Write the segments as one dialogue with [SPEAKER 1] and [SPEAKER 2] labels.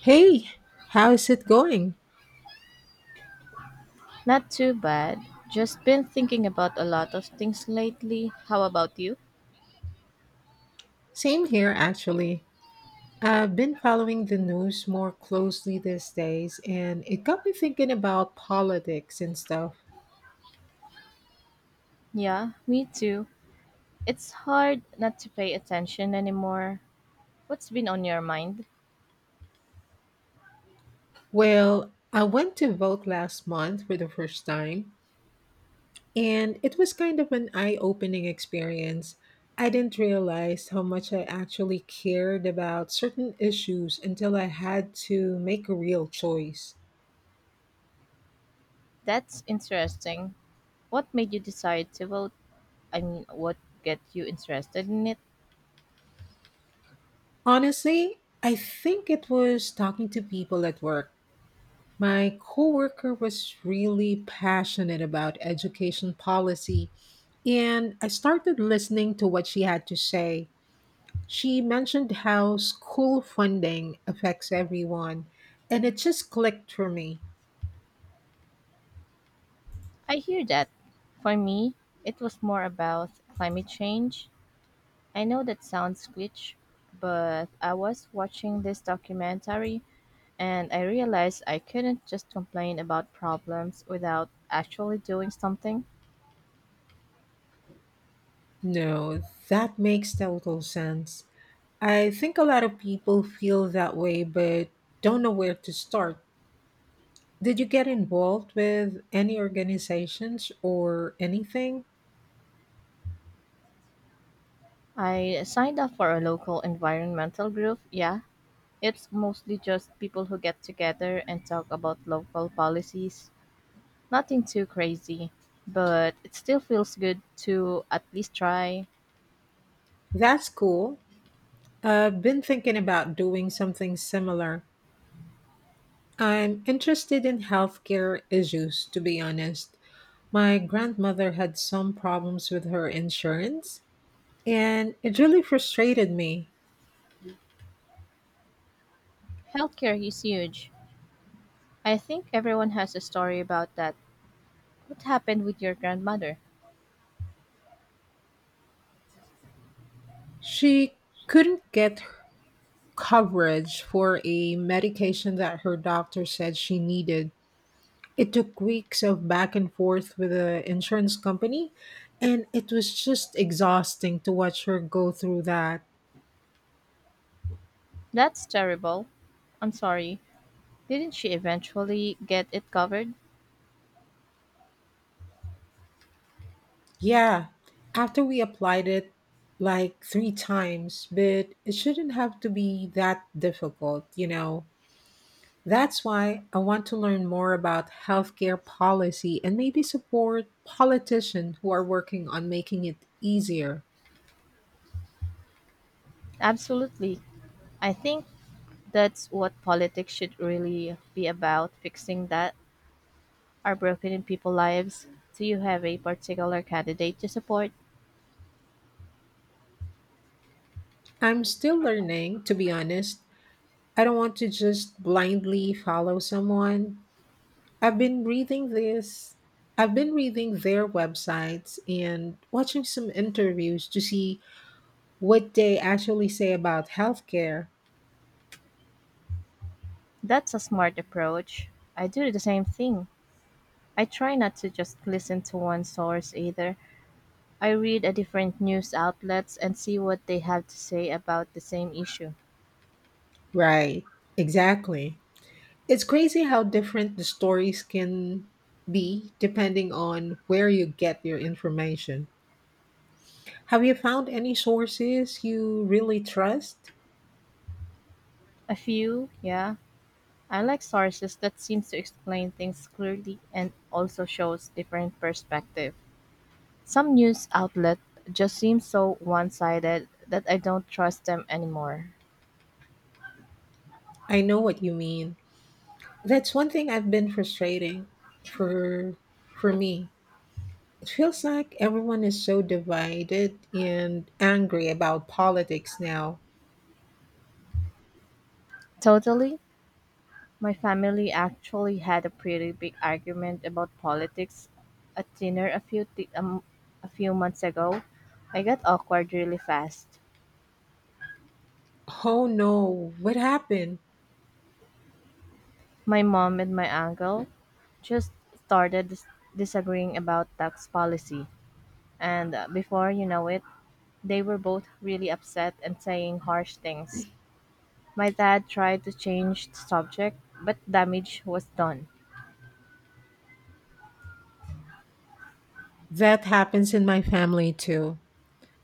[SPEAKER 1] Hey, how is it going?
[SPEAKER 2] Not too bad. Just been thinking about a lot of things lately. How about you?
[SPEAKER 1] Same here, actually. I've been following the news more closely these days, and it got me thinking about politics and stuff.
[SPEAKER 2] Yeah, me too. It's hard not to pay attention anymore. What's been on your mind?
[SPEAKER 1] Well, I went to vote last month for the first time, and it was kind of an eye opening experience. I didn't realize how much I actually cared about certain issues until I had to make a real choice.
[SPEAKER 2] That's interesting. What made you decide to vote? I mean, what get you interested in it?
[SPEAKER 1] Honestly, I think it was talking to people at work. My coworker was really passionate about education policy, and I started listening to what she had to say. She mentioned how school funding affects everyone, and it just clicked for me.
[SPEAKER 2] I hear that. For me, it was more about climate change. I know that sounds glitch, but I was watching this documentary. And I realized I couldn't just complain about problems without actually doing something.
[SPEAKER 1] No, that makes total sense. I think a lot of people feel that way but don't know where to start. Did you get involved with any organizations or anything?
[SPEAKER 2] I signed up for a local environmental group. Yeah, it's mostly just people who get together and talk about local policies. Nothing too crazy, but it still feels good to at least try.
[SPEAKER 1] That's cool. I've been thinking about doing something similar. I'm interested in healthcare issues, to be honest. My grandmother had some problems with her insurance, and it really frustrated me.
[SPEAKER 2] Healthcare is huge. I think everyone has a story about that. What happened with your grandmother?
[SPEAKER 1] She couldn't get coverage for a medication that her doctor said she needed. It took weeks of back and forth with the insurance company, and it was just exhausting to watch her go through that.
[SPEAKER 2] That's terrible. I'm sorry. Didn't she eventually get it covered?
[SPEAKER 1] Yeah, after we applied it like three times, but it shouldn't have to be that difficult. That's why I want to learn more about healthcare policy and maybe support politicians who are working on making it easier.
[SPEAKER 2] Absolutely. I think that's what politics should really be about, fixing that are broken in people's lives. Do you have a particular candidate to support?
[SPEAKER 1] I'm still learning, to be honest. I don't want to just blindly follow someone. I've been reading this, I've been reading their websites and watching some interviews to see what they actually say about healthcare.
[SPEAKER 2] That's a smart approach. I do the same thing. I try not to just listen to one source either. I read a different news outlets and see what they have to say about the same issue.
[SPEAKER 1] Right, exactly. It's crazy how different the stories can be depending on where you get your information. Have you found any sources you really trust?
[SPEAKER 2] A few, yeah. I like sources that seems to explain things clearly and also shows different perspective. Some news outlet just seem so one-sided that I don't trust them anymore.
[SPEAKER 1] I know what you mean. That's one thing I've been frustrating for for me. It feels like everyone is so divided and angry about politics now.
[SPEAKER 2] Totally. My family actually had a pretty big argument about politics at dinner a few months ago. I got awkward really fast.
[SPEAKER 1] Oh no, what happened?
[SPEAKER 2] My mom and my uncle just started disagreeing about tax policy, and before you know it, they were both really upset and saying harsh things. My dad tried to change the subject, but damage was done.
[SPEAKER 1] That happens in my family too.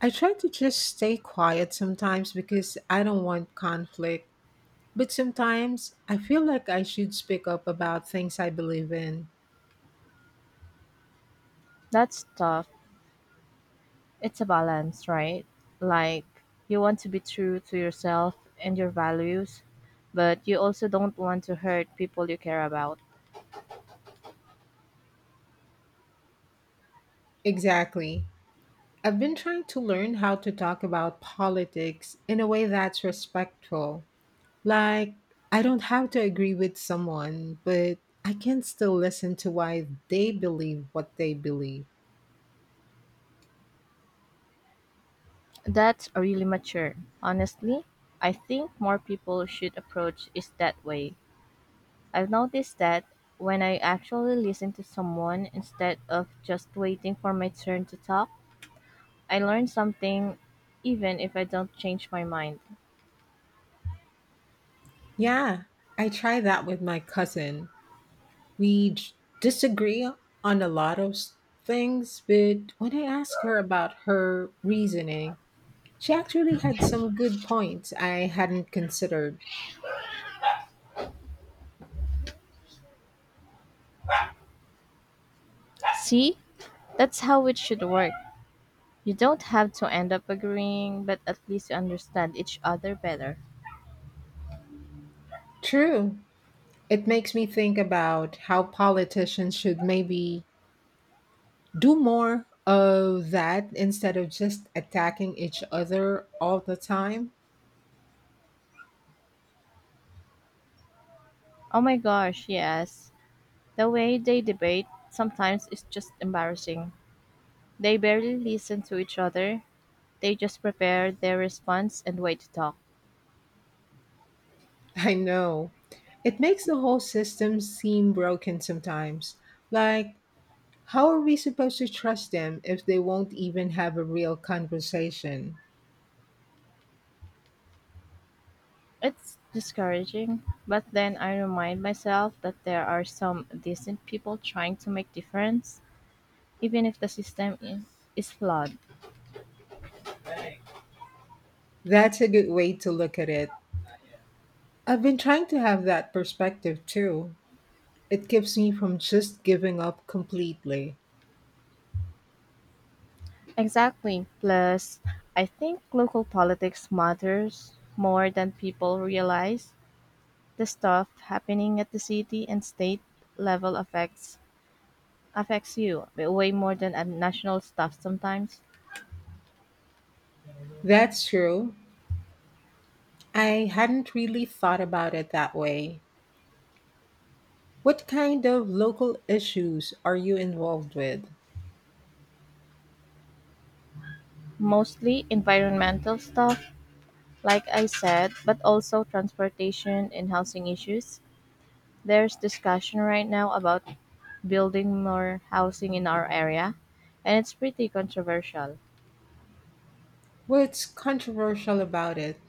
[SPEAKER 1] I try to just stay quiet sometimes because I don't want conflict, but sometimes I feel like I should speak up about things I believe in.
[SPEAKER 2] That's tough. It's a balance, right? Like, you want to be true to yourself and your values, but you also don't want to hurt people you care about.
[SPEAKER 1] Exactly. I've been trying to learn how to talk about politics in a way that's respectful. Like, I don't have to agree with someone, but I can still listen to why they believe what they believe.
[SPEAKER 2] That's really mature. Honestly, I think more people should approach it that way. I've noticed that when I actually listen to someone instead of just waiting for my turn to talk, I learn something even if I don't change my mind.
[SPEAKER 1] Yeah, I try that with my cousin. We j- disagree on a lot of things, but when I asked her about her reasoning, she actually had some good points I hadn't considered.
[SPEAKER 2] See? That's how it should work. You don't have to end up agreeing, but at least you understand each other better.
[SPEAKER 1] True. It makes me think about how politicians should maybe do more of that instead of just attacking each other all the time.
[SPEAKER 2] Oh my gosh, yes. The way they debate sometimes is just embarrassing. They barely listen to each other, they just prepare their response and wait to talk.
[SPEAKER 1] I know. It makes the whole system seem broken sometimes. Like, how are we supposed to trust them if they won't even have a real conversation?
[SPEAKER 2] It's discouraging, but then I remind myself that there are some decent people trying to make difference, even if the is flawed.
[SPEAKER 1] That's a good way to look at it. I've been trying to have that perspective too. It keeps me from just giving up completely.
[SPEAKER 2] Exactly. Plus, I think local politics matters more than people realize. The stuff happening at the city and state level affects you way more than at national stuff sometimes.
[SPEAKER 1] That's true. I hadn't really thought about it that way. What kind of local issues are you involved with?
[SPEAKER 2] Mostly environmental stuff, like I said, but also transportation and housing issues. There's discussion right now about building more housing in our area, and it's pretty controversial.
[SPEAKER 1] What's controversial about it?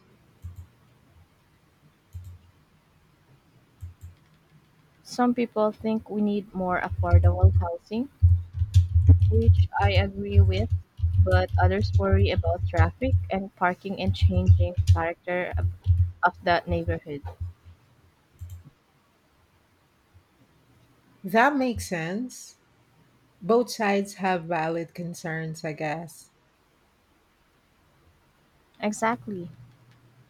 [SPEAKER 2] Some people think we need more affordable housing, which I agree with, but others worry about traffic and parking and changing character of that neighborhood.
[SPEAKER 1] That makes sense. Both sides have valid concerns, I guess.
[SPEAKER 2] Exactly.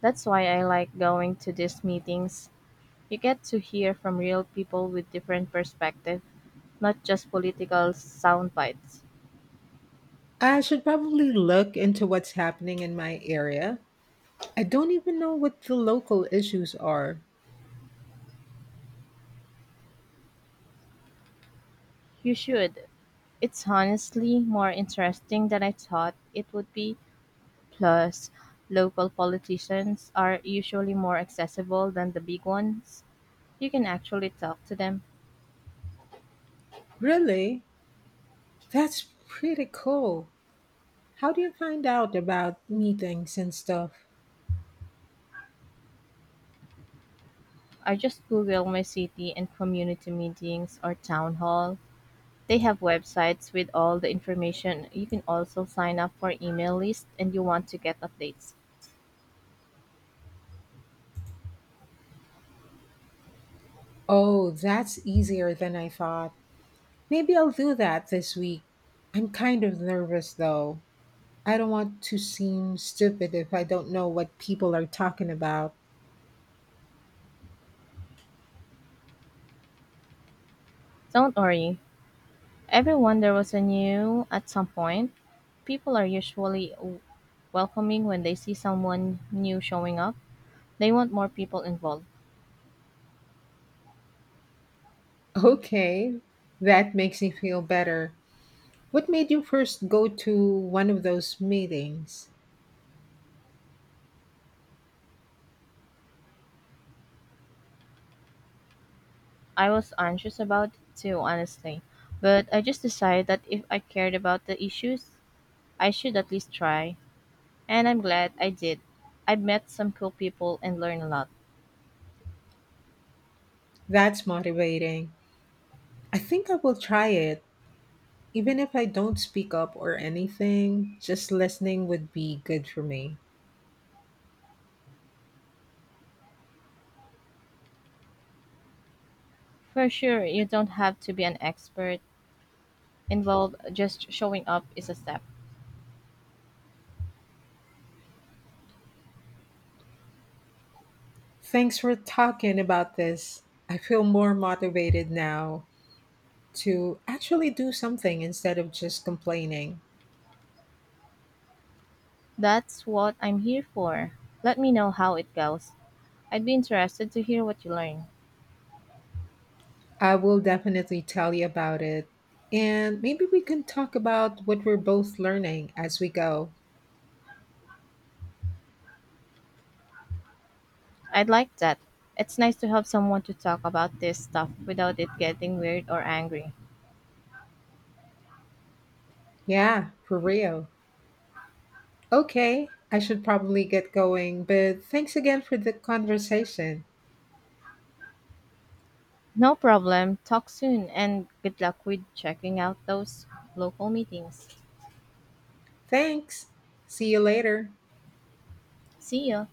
[SPEAKER 2] That's why I like going to these meetings. You get to hear from real people with different perspective, not just political sound bites.
[SPEAKER 1] I should probably look into what's happening in my area. I don't even know what the local issues are.
[SPEAKER 2] You should. It's honestly more interesting than I thought it would be. Plus, local politicians are usually more accessible than the big ones. You can actually talk to them.
[SPEAKER 1] Really? That's pretty cool. How do you find out about meetings and stuff?
[SPEAKER 2] I just Google my city and community meetings or town hall. They have websites with all the information. You can also sign up for email list and you want to get updates.
[SPEAKER 1] Oh, that's easier than I thought. Maybe I'll do that this week. I'm kind of nervous though. I don't want to seem stupid if I don't know what people are talking about.
[SPEAKER 2] Don't worry. Everyone there was a new at some point. People are usually welcoming when they see someone new showing up. They want more people involved.
[SPEAKER 1] Okay, that makes me feel better. What made you first go to one of those meetings?
[SPEAKER 2] I was anxious about it too, honestly, but I just decided that if I cared about the issues, I should at least try. And I'm glad I did. I met some cool people and learned a lot.
[SPEAKER 1] That's motivating. I think I will try it. Even if I don't speak up or anything, just listening would be good for me.
[SPEAKER 2] For sure, you don't have to be an expert involved, just showing up is a step.
[SPEAKER 1] Thanks for talking about this. I feel more motivated now to actually do something instead of just complaining.
[SPEAKER 2] That's what I'm here for. Let me know how it goes. I'd be interested to hear what you learn.
[SPEAKER 1] I will definitely tell you about it. And maybe we can talk about what we're both learning as we go.
[SPEAKER 2] I'd like that. It's nice to have someone to talk about this stuff without it getting weird or angry.
[SPEAKER 1] Yeah, for real. Okay, I should probably get going, but thanks again for the conversation.
[SPEAKER 2] No problem. Talk soon and good luck with checking out those local meetings.
[SPEAKER 1] Thanks. See you later.
[SPEAKER 2] See ya.